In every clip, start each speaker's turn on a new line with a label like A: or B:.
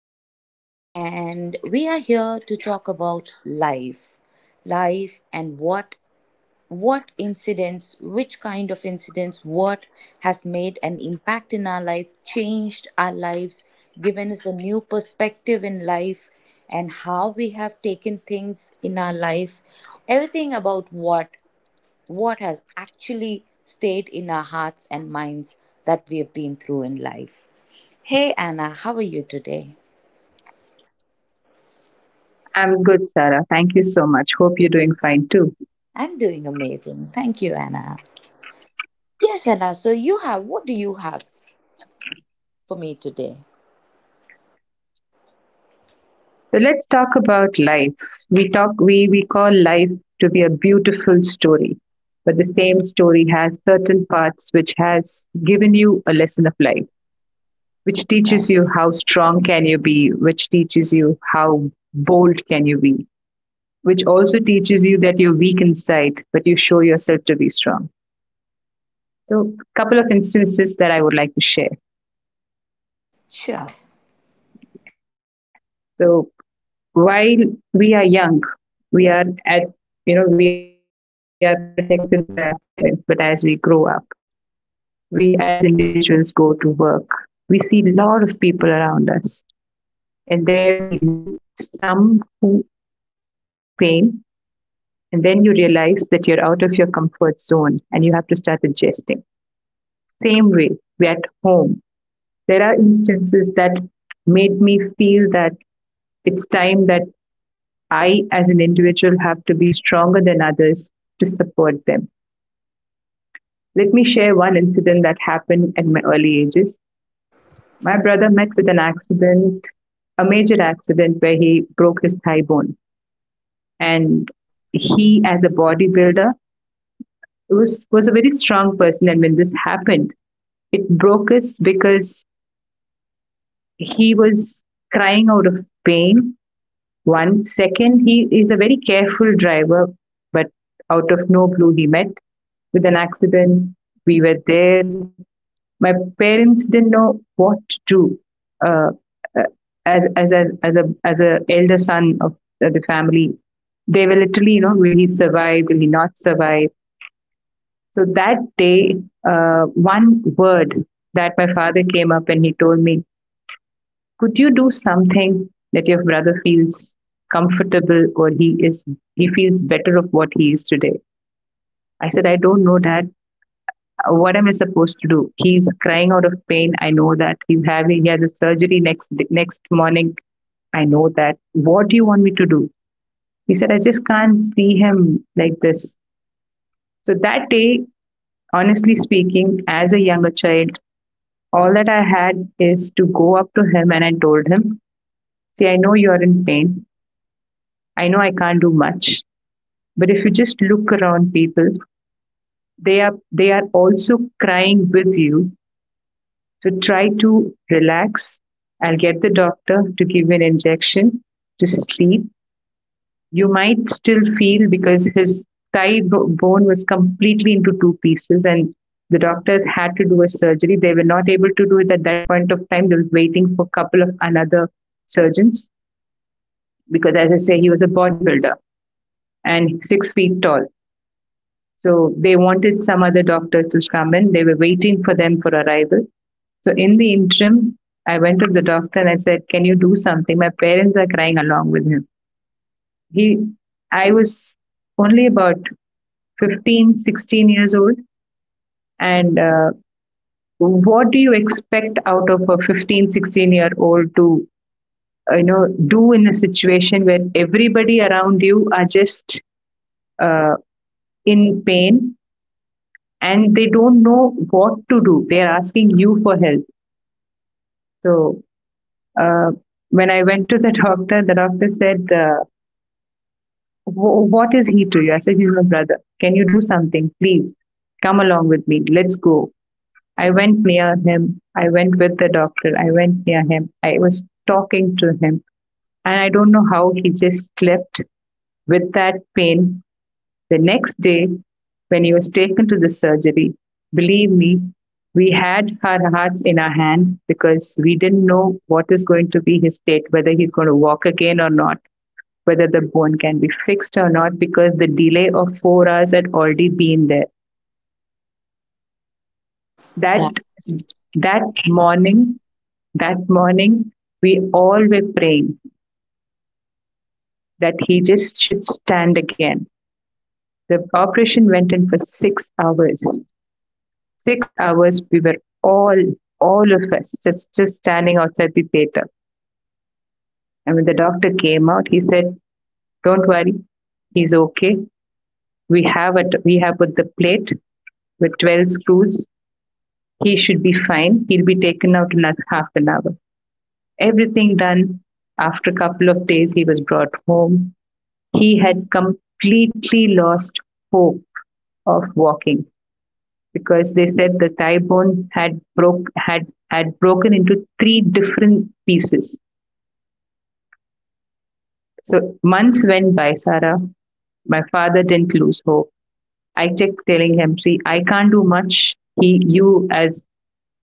A: today, and we are here to talk about life, and what incidents, which kind of incidents, what has made an impact in our life, changed our lives, given us a new perspective in life, and how we have taken things in our life, everything about what has actually stayed in our hearts and minds that we have been through in life. Hey, Anna, how are you today?
B: I'm good, Sarah. Thank you so much. Hope you're doing fine too.
A: I'm doing amazing. Thank you, Anna. Yes, Anna, so what do you have for me today?
B: So let's talk about life. We talk we call life to be a beautiful story, but the
A: Hmm.
B: same story has certain parts which has given you a lesson of life, which
A: Right.
B: teaches you how strong can you be, which teaches you how bold can you be, which also teaches you that you're weak inside, but you show yourself to be strong. So, couple of instances that I would like to share.
A: Sure.
B: So, while we are young, we are at you know we are protected by our parents. But as we grow up, we as individuals go to work, we see a lot of people around us, and there we meet some who give you little pain. And then you realize that you're out of your comfort zone and you have to start adjusting. Same way, we at home, there are instances that made me feel that it's time that I, as an individual, have to be stronger than others to support them. Let me share one incident that happened at my early ages. My brother met with an accident, a major accident where he broke his thigh bone. And he, as a bodybuilder, was a very strong person. And when this happened, it broke us because he was crying out of pain. One second, he is a very careful driver, but out of no blue, he met with an accident. We were there. My parents didn't know what to do. Uh, uh, as a elder son of the family, they were literally, will he survive? Will he not survive? So that day, uh, one word that my father came up and he told me, "Could you do something that your brother feels comfortable, or he feels better of what he is today?" I said, "I don't know, Dad. What am I supposed to do? He's crying out of pain. I know that he has a surgery next morning. I know that. What do you want me to do?" He said, "I just can't see him like this." So that day, honestly speaking, as a younger child, all that I had is to go up to him and I told him, "See, I know you're in pain. I know I can't do much. But if you just look around people, they are also crying with you. So try to relax. I'll get the doctor to give an injection to sleep. You might still feel, because his thigh bone was completely into two pieces, and the doctors had to do a surgery. They were not able to do it at that point of time. They were waiting for a couple of another surgeons because, as I say, he was a bodybuilder and 6 feet tall. So they wanted some other doctor to come in. They were waiting for them for arrival. So in the interim, I went to the doctor and I said, 'Can you do something? My parents are crying along with him.'" He, I was only about 15, 16 years old, and what do you expect out of a 15, 16 year old to you know do in a situation where everybody around you are just uh, in pain and they don't know what to do? They are asking you for help. So. Uh, when I went to the doctor, the doctor said, "What is he to you?" I said, "He's my brother. Can you do something? Please come along with me. Let's go." I went near him. I went with the doctor. I went near him. I was talking to him. And I don't know how he just slept with that pain. The next day, when he was taken to the surgery, believe me, we had our hearts in our hand because we didn't know what is going to be his state, whether he's going to walk again or not, whether the bone can be fixed or not, because the delay of 4 hours had already been there. That
A: That.
B: that morning, that morning, we all were praying that he just should stand again. The operation went in for 6 hours. 6 hours we were all all of us just standing outside the theater. And when the doctor came out, he said, "Don't worry, he's okay. We have put the plate with 12 screws. He should be fine. He'll be taken out in like half an hour. Everything done." After a couple of days, he was brought home. He had completely lost hope of walking because they said the thigh bone had broken into three different pieces. So months went by, Sarah. My father didn't lose hope. I kept telling him, "See, I can't do much. He, you as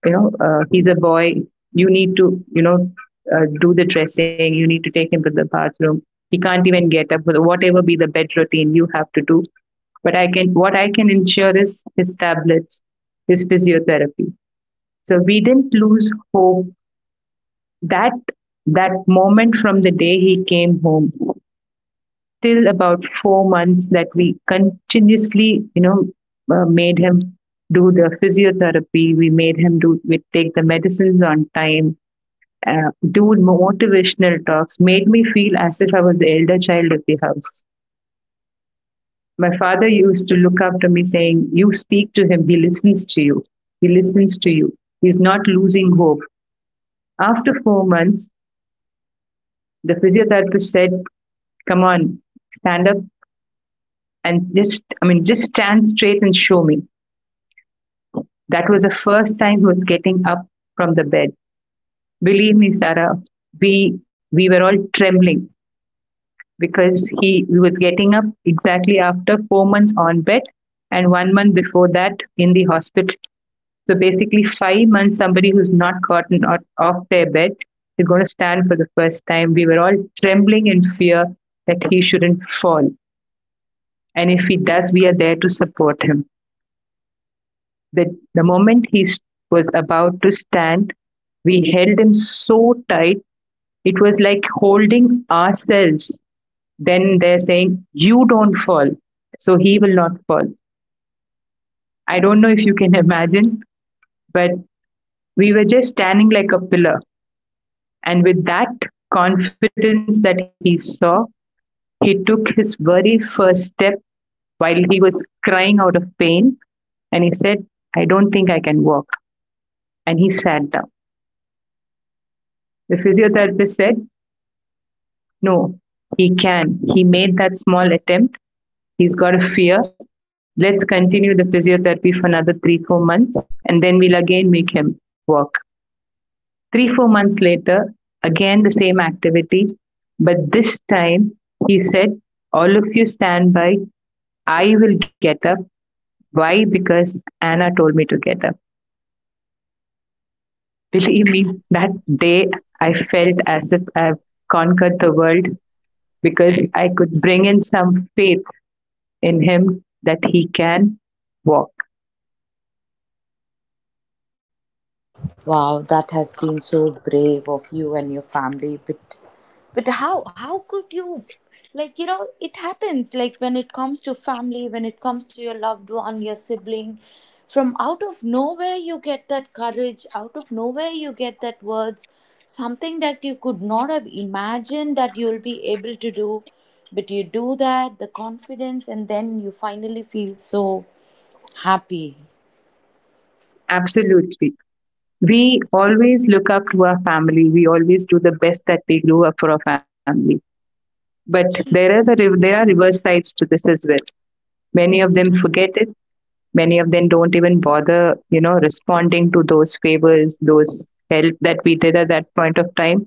B: he's a boy. You need to you know do the dressing. You need to take him to the bathroom. He can't even get up. Whatever be the bed routine, you have to do, but I can what I can ensure is his tablets, his physiotherapy." So we didn't lose hope that that moment, from the day he came home till about 4 months, that we continuously you know made him do the physiotherapy, we made him do we take the medicines on time. Dude, motivational talks made me feel as if I was the elder child of the house. My father used to look up to me saying, "You speak to him, he listens to you. He listens to you. He's not losing hope." After 4 months, the physiotherapist said, "Come on, stand up and just, I mean, just stand straight and show me." That was the first time he was getting up from the bed. Believe me, Sarah, we were all trembling because he was getting up exactly after 4 months on bed and one month before that in the hospital. So basically, 5 months somebody who's not gotten out, off their bed, is going to stand for the first time. We were all trembling in fear that he shouldn't fall. And if he does, we are there to support him. The, the moment he was about to stand, we held him so tight. It was like holding ourselves. Then they're saying, "You don't fall, so he will not fall." I don't know if you can imagine, but we were just standing like a pillar, and with that confidence that he saw, he took his very first step. While he was crying out of pain, and he said, "I don't think I can walk," and he sat down. The physiotherapist said, "No, he made that small attempt. He's got a fear. Let's continue the physiotherapy for another three, 4 months, and then we'll again make him walk." Three, 4 months later, again the same activity, but this time he said, "All of you stand by, I will get up." Why? Because Anna told me to get up. Believe me, that day I felt as if I've conquered the world, because I could bring in some faith in him that he can walk.
A: Wow, that has been so brave of you and your family. But how could you, like, it happens like when it comes to family, when it comes to your loved one, your sibling, from out of nowhere you get that courage, out of nowhere you get that words, something that you could not have imagined that you'll be able to do, but you do that, the confidence and then you finally feel so happy.
B: Absolutely. We always look up to our family. We always do the best that we do up for our family. But there are reverse sides to this as well. Many of them forget it. Many of them don't even bother, responding to those favors, those help that we did at that point of time.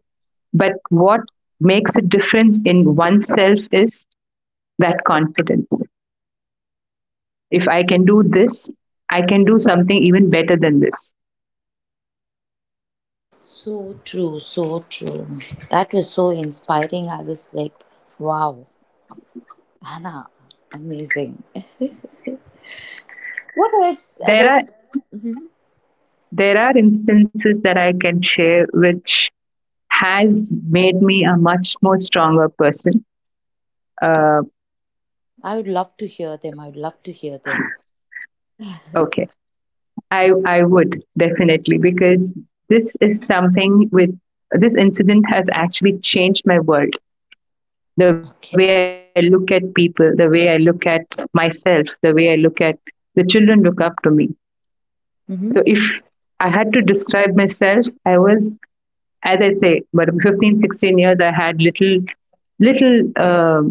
B: But what makes a difference in oneself is that confidence. If I can do this, I can do something even better than this.
A: So true, so true. That was so inspiring. I was like, wow, Anna, amazing. What else?
B: There are
A: Others?
B: there are instances that I can share which has made me a much more stronger person. Uh,
A: I would love to hear them. I would love to hear them.
B: okay, I would definitely, because this is something with this incident has actually changed my world. The way I
A: Okay.
B: look at people, the way I look at myself, the way I look at the children look up to me. So
A: Mm-hmm.
B: if I had to describe myself, I was, as I say, but 15, 16 years, I had little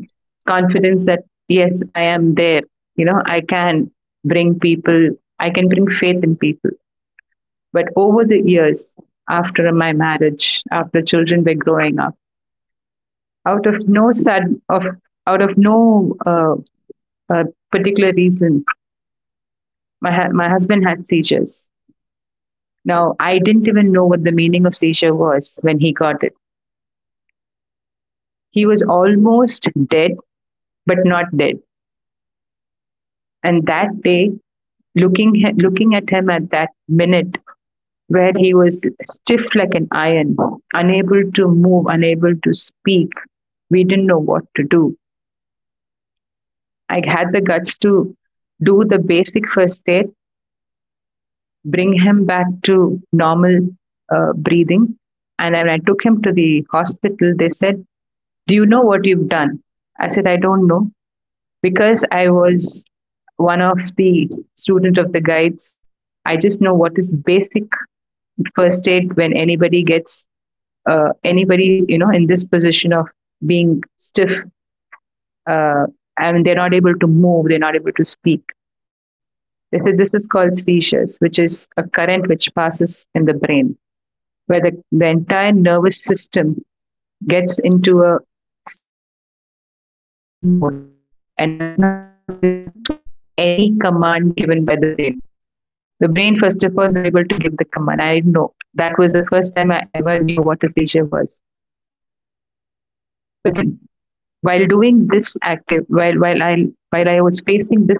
B: confidence that yes, I am there. You know, I can bring people, I can bring faith in people. But over the years, after my marriage, after children were growing up, out of no sudden, of out of no uh, particular reason, my husband had seizures. Now I didn't even know what the meaning of seizure was when he got it. He was almost dead but not dead. And that day, looking looking at him at that minute where he was stiff like an iron, unable to move, unable to speak, we didn't know what to do. I had the guts to do the basic first aid, bring him back to normal breathing. And when I took him to the hospital, they said, "Do you know what you've done?" I said, "I don't know." Because I was one of the student of the guides, I just know what is basic first aid when anybody gets anybody is in this position of being stiff. Uh, they're not able to move, they're not able to speak. They said this is called seizures, which is a current which passes in the brain, where the entire nervous system gets into a stiff mode and does not react to any command given by the brain. The brain, first of all, is not able to give the command. I know that was the first time I ever knew what a seizure was. But then, while doing this active, while I was facing this part of the story,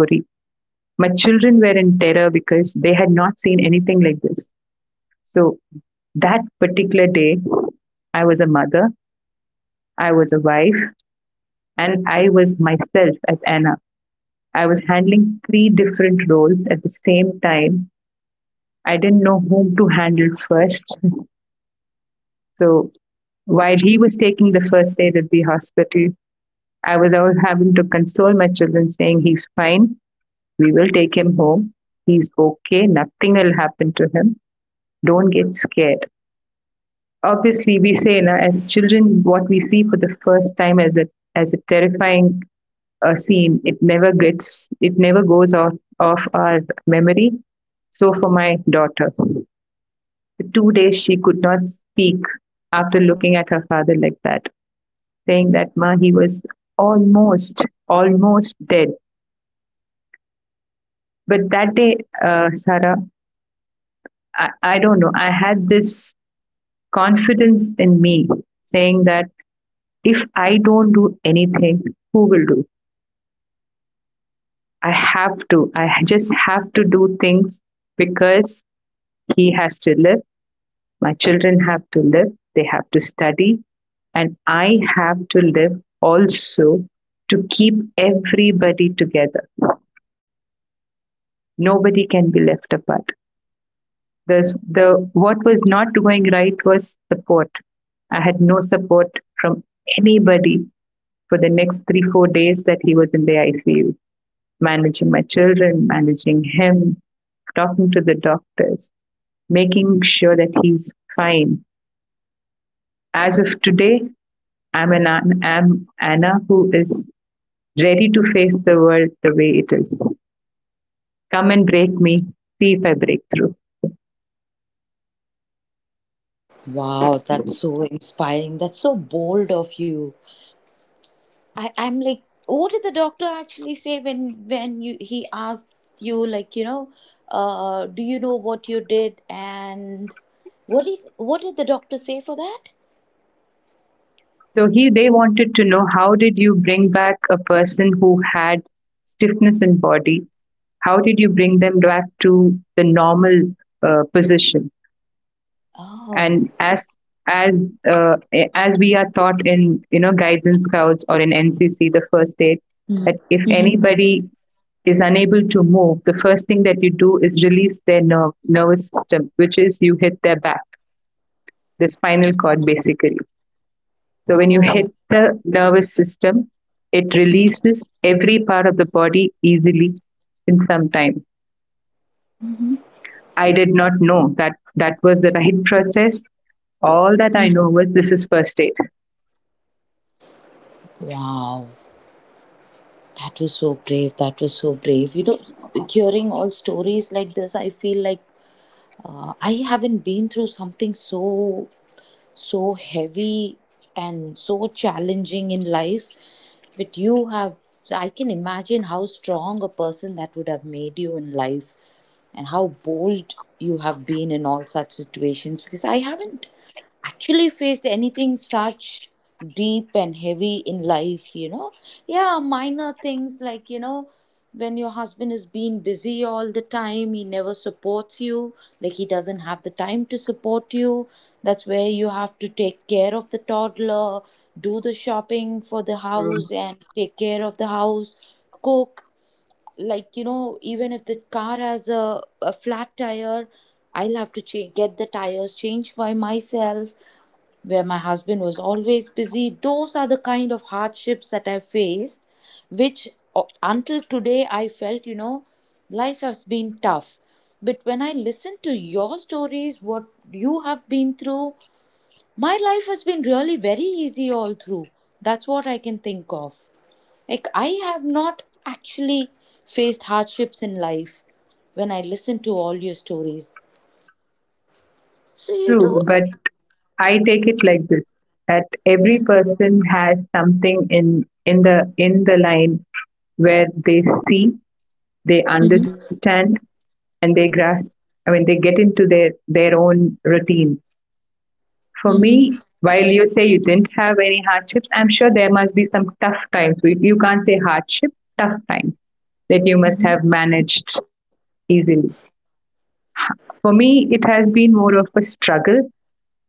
B: my children were in terror because they had not seen anything like this. So that particular day, I was a mother, I was a wife, and I was myself as Anna. I was handling three different roles at the same time. I didn't know whom to handle first. So while he was taking the first aid at the hospital, I was always having to console my children, saying, "He's fine. We will take him home. He's okay. Nothing will happen to him. Don't get scared." Obviously, we say, na, as children, what we see for the first time as as a terrifying scene, it never it never goes off our memory. So for my daughter, for 2 days she could not speak after looking at her father like that, saying that, "Ma, he was almost dead." But that day, Sarah, I don't know, I had this confidence in me saying that if I don't do anything, who will do? I have to. I just have to do things because he has to live. My children have to live. They have to study. And I have to live also to keep everybody together. Nobody can be left apart. Thus, the what was not going right was support. I had no support from anybody for the next three, 4 days that he was in the ICU, managing my children, managing him, talking to the doctors, making sure that he's fine. As of today, I'm an I'm Anna who is ready to face the world the way it is. Come and break me, see if I break through.
A: Wow, that's so inspiring. That's so bold of you. I'm like, what did the doctor actually say when you he asked you, like, do you know what you did, and what did the doctor say for that?
B: So he they wanted to know, how did you bring back a person who had stiffness in body? How did you bring them back to the normal position? And
A: Oh.
B: as uh, as we are taught in, you know, guides and scouts or in NCC, the first aid, that if
A: Mm-hmm.
B: anybody is unable to move, the first thing that you do is release their nervous system, which is you hit their back, the spinal cord basically. So when you
A: Oh.
B: hit the nervous system, it
A: Mhm,
B: releases every part of the body easily in some time.
A: mhm,
B: I did not know that that was the right process. All that I
A: mhm.
B: know was this is first aid.
A: Wow, that was so brave. That was so brave. You know, hearing all stories like this, I feel like, I haven't been through something so heavy and so challenging in life, but you have. So I can imagine how strong a person that would have made you in life and how bold you have been in all such situations, because I haven't actually faced anything such deep and heavy in life, you know. Yeah, minor things like, you know, when your husband is being busy all the time, he never supports you, like he doesn't have the time to support you. That's where you have to take care of the toddler, do the shopping for the
B: Mm.
A: house and take care of the house, cook, like, you know, even if the car has a flat tire, I'll have to change get the tires changed by myself, where my husband was always busy. Those are the kind of hardships that I faced, which, until today I felt, you know, life has been tough. But when I listen to your stories, what you have been through, my life has been really very easy all through. That's what I can think of. Like, I have not actually faced hardships in life when I listen to all your stories.
B: True, but I take it like this, that every
A: Mm-hmm.
B: person has something in the line where they see, they
A: Mm-hmm.
B: understand, and they grasp. I mean, they get into their own routine. For
A: Mm-hmm.
B: me, while you say you didn't have any hardships, I'm sure there must be some tough times. You can't say hardship, tough times that you must have managed easily. For me, it has been more of a struggle.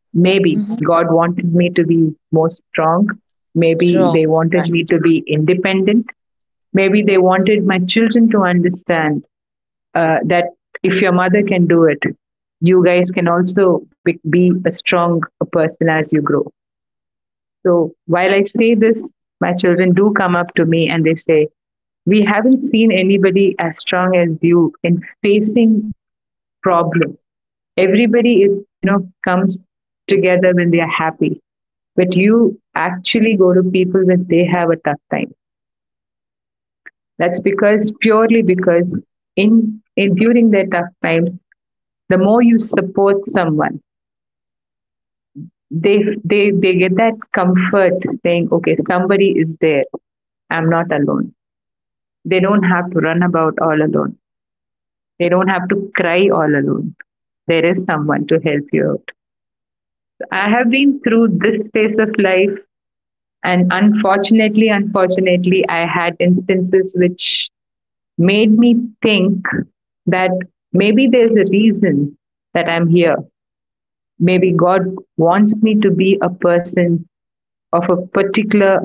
B: Maybe
A: Mm-hmm.
B: God wanted me to be more strong. Maybe
A: Strong.
B: they wanted me to be independent. Maybe they wanted my children to understand that if your mother can do it, you guys can also be a strong person as you grow. So while I say this, my children do come up to me and they say, "We haven't seen anybody as strong as you in facing problems. Everybody is, you know, comes together when they are happy. But you actually go to people when they have a tough time." That's because, purely because in during their tough times, the more you support someone, they get that comfort saying, "Okay, somebody is there. I'm not alone." They don't have to run about all alone. They don't have to cry all alone. There is someone to help you out. I have been through this phase of life, and unfortunately, I had instances which made me think that maybe there's a reason that I'm here. Maybe God wants me to be a person of a particular,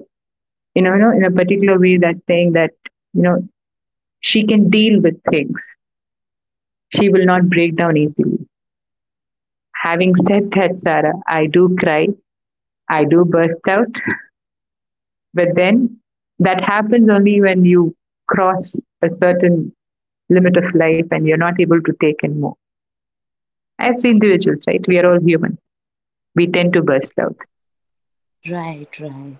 B: in a particular way, that saying that, you know, she can deal with things. She will not break down easily. Having said that, Sarah, I do cry, I do burst out, but then that happens only when you cross a certain limit of life and you're not able to take in more. As we individuals, right? We are all human. We tend to burst out.
A: Right, right.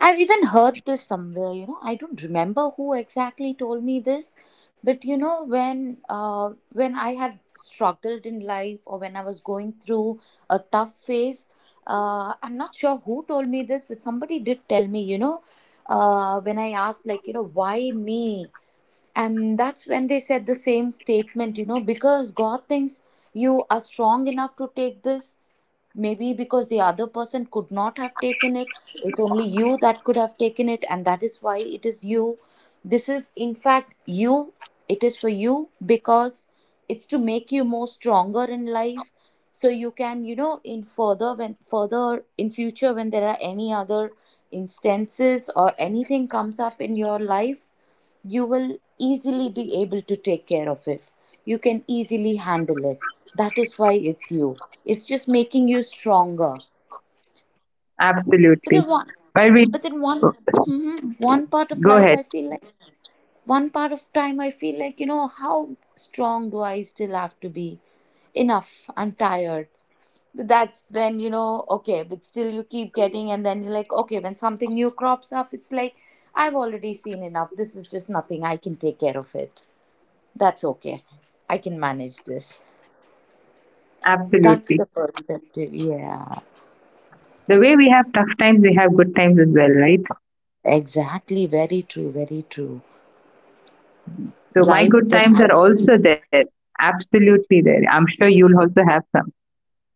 A: I've even heard this somewhere, you know. I don't remember who exactly told me this, but you know, when, when I had struggled in life or when I was going through a tough phase, I'm not sure who told me this, but somebody did tell me, you know, when I asked, like, you know, why me? And that's when they said the same statement, you know, because God thinks you are strong enough to take this, maybe because the other person could not have taken it. It's only you that could have taken it, and that is why it is you. This is, in fact, you. It is for you because it's to make you more stronger in life, so you can, you know, in further, when further in future, when there are any other instances or anything comes up in your life, you will easily be able to take care of it. You can easily handle it. That is why it's you. It's just making you stronger. But
B: Absolutely.
A: then one,
B: While we oh,
A: Mhm.
B: go ahead,
A: One part of time, I feel like, you know, how strong do I still have to be? Enough. I'm tired. But that's when you know. Okay, but still you keep getting, and then you're like, okay, when something new crops up, it's like I've already seen enough. This is just nothing. I can take care of it. That's okay. I can manage this. That's
B: absolutely.
A: the perspective. Yeah.
B: The way we have tough times, we have good times as well, right?
A: Exactly. Very true. Very true.
B: So my
A: Life,
B: good
A: there
B: times
A: has
B: are
A: to be.
B: also there. Absolutely there. I'm sure you'll also have some.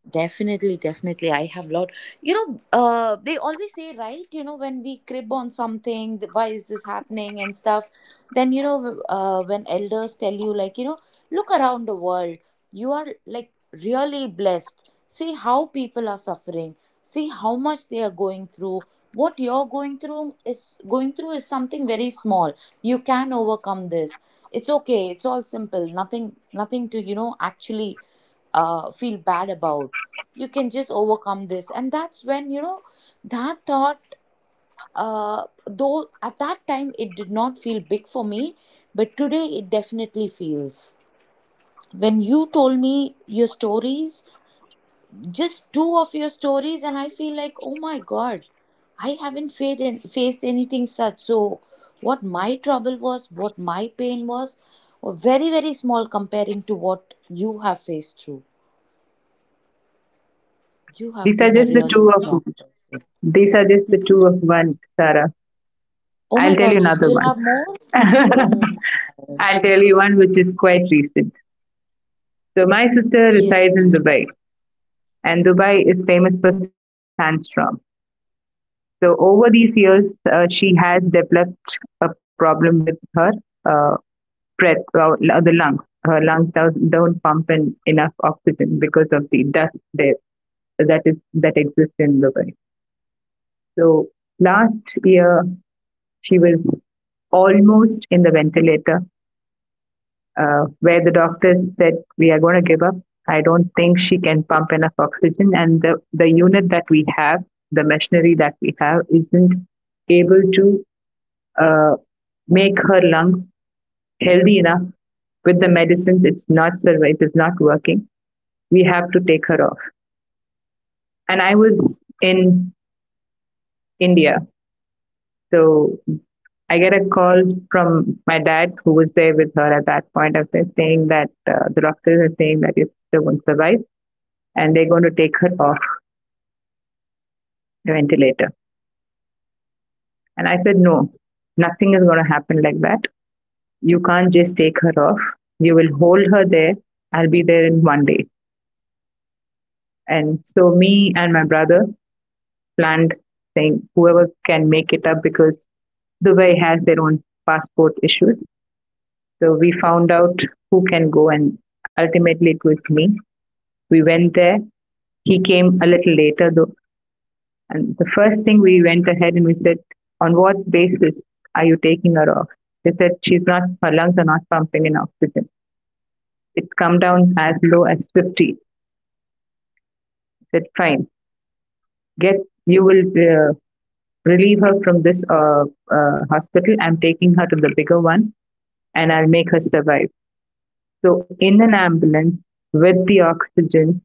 A: Definitely, definitely. I have lot. You know, they always say, right? You know, when we crib on something, why is this happening and stuff. Then you know, when elders tell you, like, you know, look around the world. You are, like, really blessed. See how people are suffering. See how much they are going through. What you're going through is something very small. You can overcome this. It's okay. It's all simple. Nothing, nothing to, you know, actually feel bad about. You can just overcome this, and that's when you know, that thought, though at that time it did not feel big for me, but today it definitely feels, when you told me your stories, just two of your stories, and I feel like, oh my god, I haven't faced anything such. So what my trouble was, what my pain was, were very very small comparing to what you have faced through. You have
B: These are
A: been a
B: just the
A: really
B: two of
A: strong person.
B: These are just the two of one, Sarah.
A: Oh
B: I'll
A: my
B: tell you
A: god, you
B: another
A: still
B: one.
A: have more? Oh my.
B: I'll tell you one which is quite recent. So my sister
A: Yes,
B: resides
A: please.
B: in Dubai, and Dubai is famous for sandstorm. So over these years, she has developed a problem with her uh, the lungs. Her lungs don't pump in enough oxygen because of the dust there that is that exists in Dubai. So last year, she was almost in the ventilator where the doctors said, "We are going to give up. I don't think she can pump enough oxygen, and the unit that we have, the machinery that we have, isn't able to uh, make her lungs healthy enough with the medicines. It's not survive. It's not working. We have to take her off." And I was in India, so I get a call from my dad, who was there with her at that point. I saying that the doctors are saying that you still won't survive and they're going to take her off the ventilator. And I said, "No, nothing is going to happen like that. You can't just take her off. You will hold her there. I'll be there in one day." And so me and my brother planned, saying whoever can make it up because Dubai has their own passport issues. So we found out who can go, and ultimately it was me. We went there. He came a little later though. And the first thing, we went ahead and we said, "On what basis are you taking her off?" They said, "She's not, her lungs are not pumping in oxygen. It's come down as low as 50." I said, "Fine, get, you will relieve her from this hospital. I'm taking her to the bigger one and I'll make her survive." So in an ambulance with the oxygen,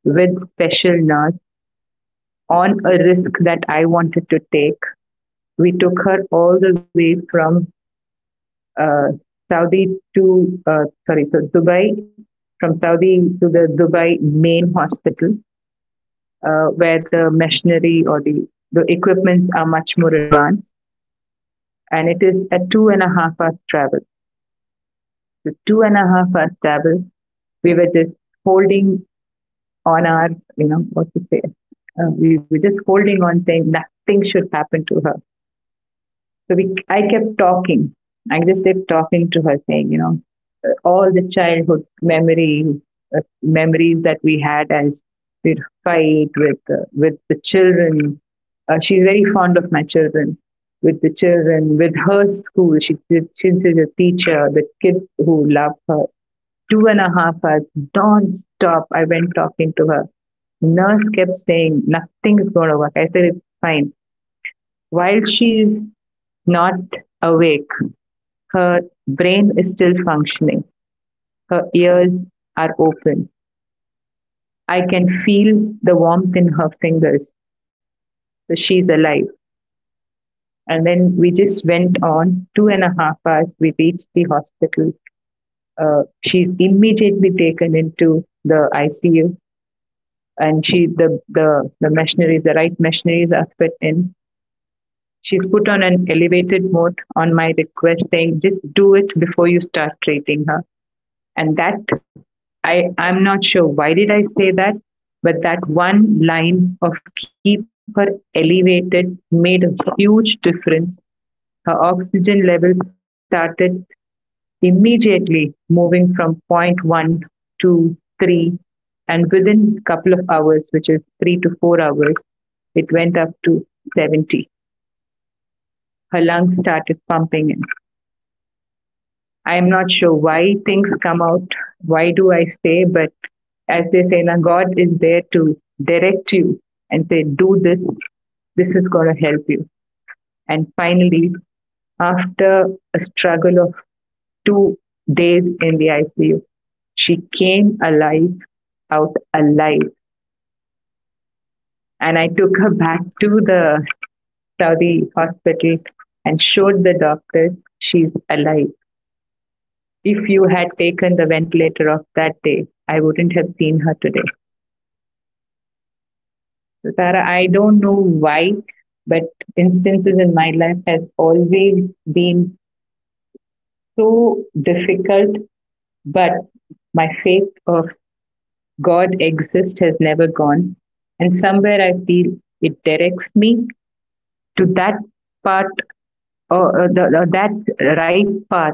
B: with special nurse, on a risk that I wanted to take, we took her all the way from uh, Saudi to sorry, so Dubai, from Saudi to the Dubai main hospital, where the machinery or the equipments are much more advanced, and it is a 2.5 hours travel. So 2.5 hours travel, we were just holding on our, you know, what to say, we were just holding on, saying nothing should happen to her. So we, I kept talking. I just kept talking to her, saying, you know, all the childhood memories that we had as we'd fight with the children. She's very fond of my children. With the children, with her school, she since she's a teacher, the kids who love her. 2.5 hours, don't stop. I went talking to her. Nurse kept saying nothing is going to work. I said it's fine. While she's not awake. Her brain is still functioning. Her ears are open. I can feel the warmth in her fingers. So she's alive. And then we just went on 2.5 hours. We reached the hospital. She's immediately taken into the ICU, and she the the machineries, the right machineries are fit in. She's put on an elevated mode on my request, saying, "Just do it before you start treating her." And that I I'm not sure why did I say that, but that one line of "keep her elevated" made a huge difference. Her oxygen level started immediately moving from 0 0.1 to 3, and within a couple of hours, which is 3 to 4 hours, it went up to 70. Her lungs started pumping. And I'm not sure why things come out. Why do I say? But as they say, now God is there to direct you and say, do this. This is going to help you. And finally, after a struggle of 2 days in the ICU, she came alive, out alive. And I took her back to the Saudi hospital and showed the doctors she's alive. If you had taken the ventilator off that day, I wouldn't have seen her today. So Tara, I don't know why, but instances in my life has always been so difficult, but my faith of God exists has never gone. And somewhere I feel it directs me to that part or that right path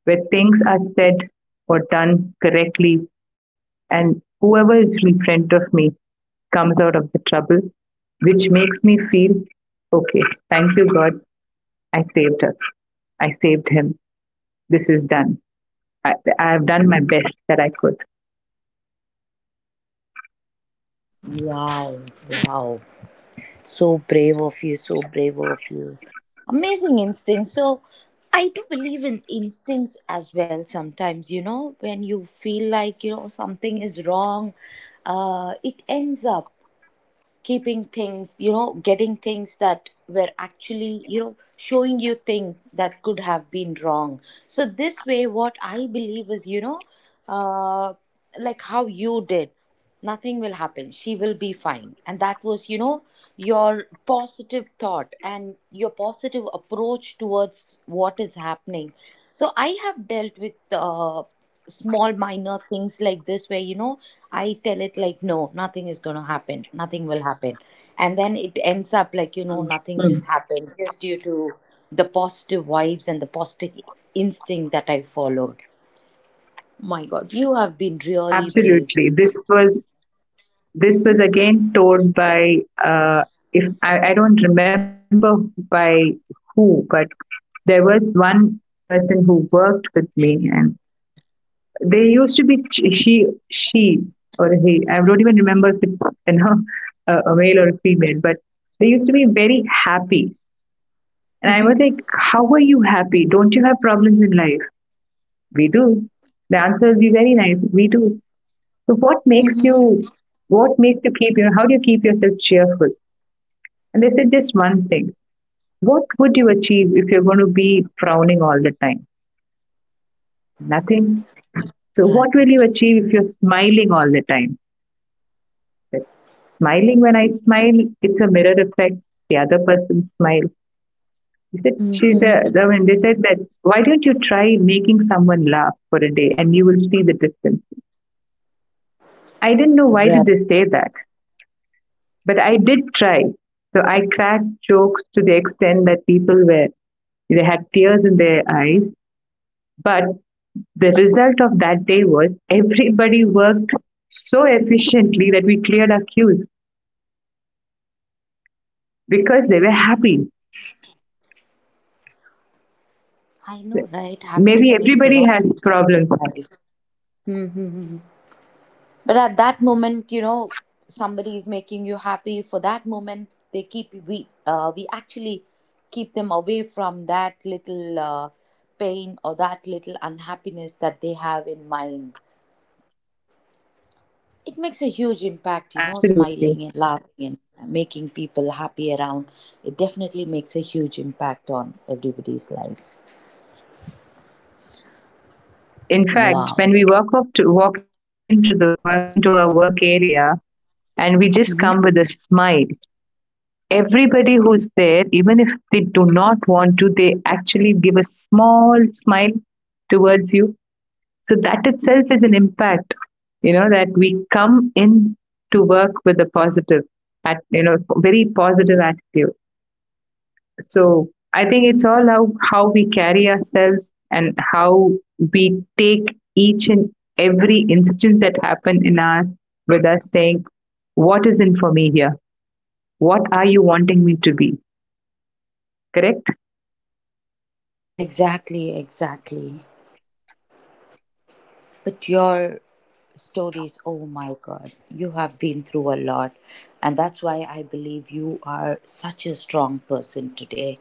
B: where things are said or done correctly, and whoever is in front of me comes out of the trouble, which makes me feel, okay, thank you, God, I saved her, I saved him, this is done. I have done my best that I could.
A: Wow, wow. So brave of you, so brave of you. Amazing instincts. So, I do believe in instincts as well sometimes, you know, when you feel like, you know, something is wrong, it ends up keeping things you know getting things that were actually, you know, showing you things that could have been wrong. So this way, what I believe is, you know, uh like how you did, nothing will happen, she will be fine, and that was, you know, your positive thought and your positive approach towards what is happening. So I have dealt with small minor things like this where, you know, I tell it like, no, nothing is going to happen, nothing will happen, and then it ends up like, you know,
B: Mm.
A: nothing just happened, just due to the positive vibes and the positive instinct that I followed. My god, you have been really brave.
B: Absolutely, this was again told by if I, I don't remember by who, but there was one person who worked with me. And they used to be she or he. I don't even remember if it's, you know, a male or a female, but they used to be very happy. And I
A: Mm-hmm.
B: was like, "How are you happy? Don't you have problems in life?" We do. The answer will be very nice. We do. So what makes
A: Mm-hmm.
B: you? What makes you keep your? How do you keep yourself cheerful? And they said just one thing. What would you achieve if you're going to be frowning all the time? Nothing. So what will
A: Right.
B: you achieve if you're smiling all the time? Smiling, when I smile, it's a mirror effect. The other person smiles. He said, she
A: Mm-hmm.
B: said, I mean, they said that, why don't you try making someone laugh for a day and you will see the difference. I didn't know why did
A: Right.
B: they say that, but I did try. So I cracked jokes to the extent that people were, they had tears in their eyes. But the result of that day was everybody worked so efficiently that we cleared our queues because they were happy.
A: I know, right?
B: Maybe
A: Happiness makes a
B: everybody
A: lot
B: has
A: of
B: problems.
A: life. Mm-hmm. But at that moment, you know, somebody is making you happy. For that moment, they keep we actually keep them away from that little, pain or that little unhappiness that they have in mind. It makes a huge
B: Absolutely.
A: impact, you know, smiling and laughing and making people happy around. It definitely makes a huge impact on everybody's life.
B: In fact,
A: Wow.
B: when we walk up to walk into our work area and we just come with a
A: Mhm.
B: smile, everybody who's there, even if they do not want to, they actually give a small smile towards you. So that itself is an impact, you know, that we come in to work with a positive at you know very positive attitude. So I think it's all how we carry ourselves and how we take each and every instance that happened in our, with us, saying, what is in for me here? What are you wanting me to be? Correct?
A: Exactly, exactly. But your stories, oh my god, you have been through a lot. And that's why I believe you are such a strong person today.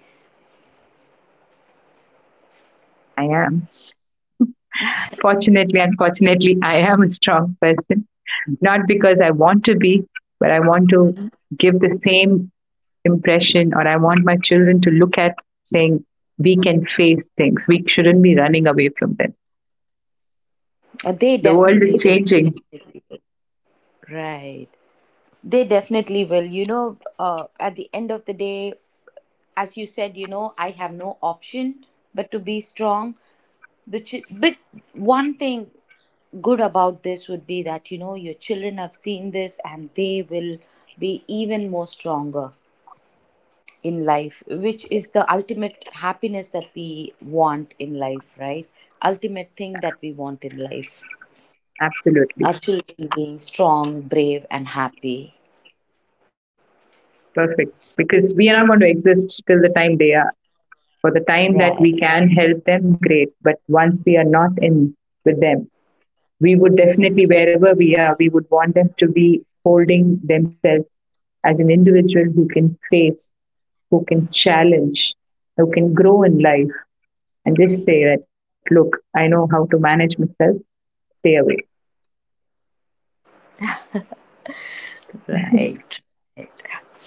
B: I am. Fortunately, unfortunately, I am a strong person. Not because I want to be, but I want to give the same impression, or I want my children to look at, saying, we can face things. We shouldn't be running away from them.
A: They
B: The world is
A: definitely will.
B: changing.
A: Right. They definitely will. You know, at the end of the day, as you said, you know, I have no option but to be strong. But one thing good about this would be that, you know, your children have seen this and they will be even more stronger in life, which is the ultimate happiness that we want in life, right? Ultimate thing that we want in life. Our
B: Absolutely.
A: children being strong, brave, and happy.
B: Perfect. Because we are not going to exist till the time they are. For the time that
A: Right,
B: we can help them, great. But once we are not in with them, we would definitely, wherever we are, we would want them to be holding themselves as an individual who can face, who can challenge, who can grow in life and just say that, look, I know how to manage myself, stay away.
A: right, right.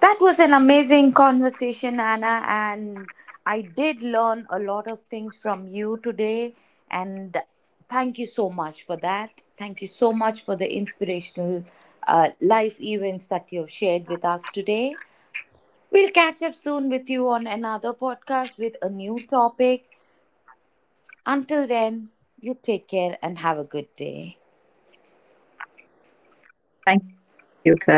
A: That was an amazing conversation, Anna, and I did learn a lot of things from you today. And thank you so much for that. Thank you so much for the inspirational life events that you have shared with us today. We'll catch up soon with you on another podcast with a new topic. Until then, you take care and have a good day.
B: Thank you, Sarah. You too have a good day.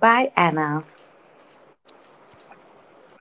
A: Bye, Anna.
B: Bye, Sarah.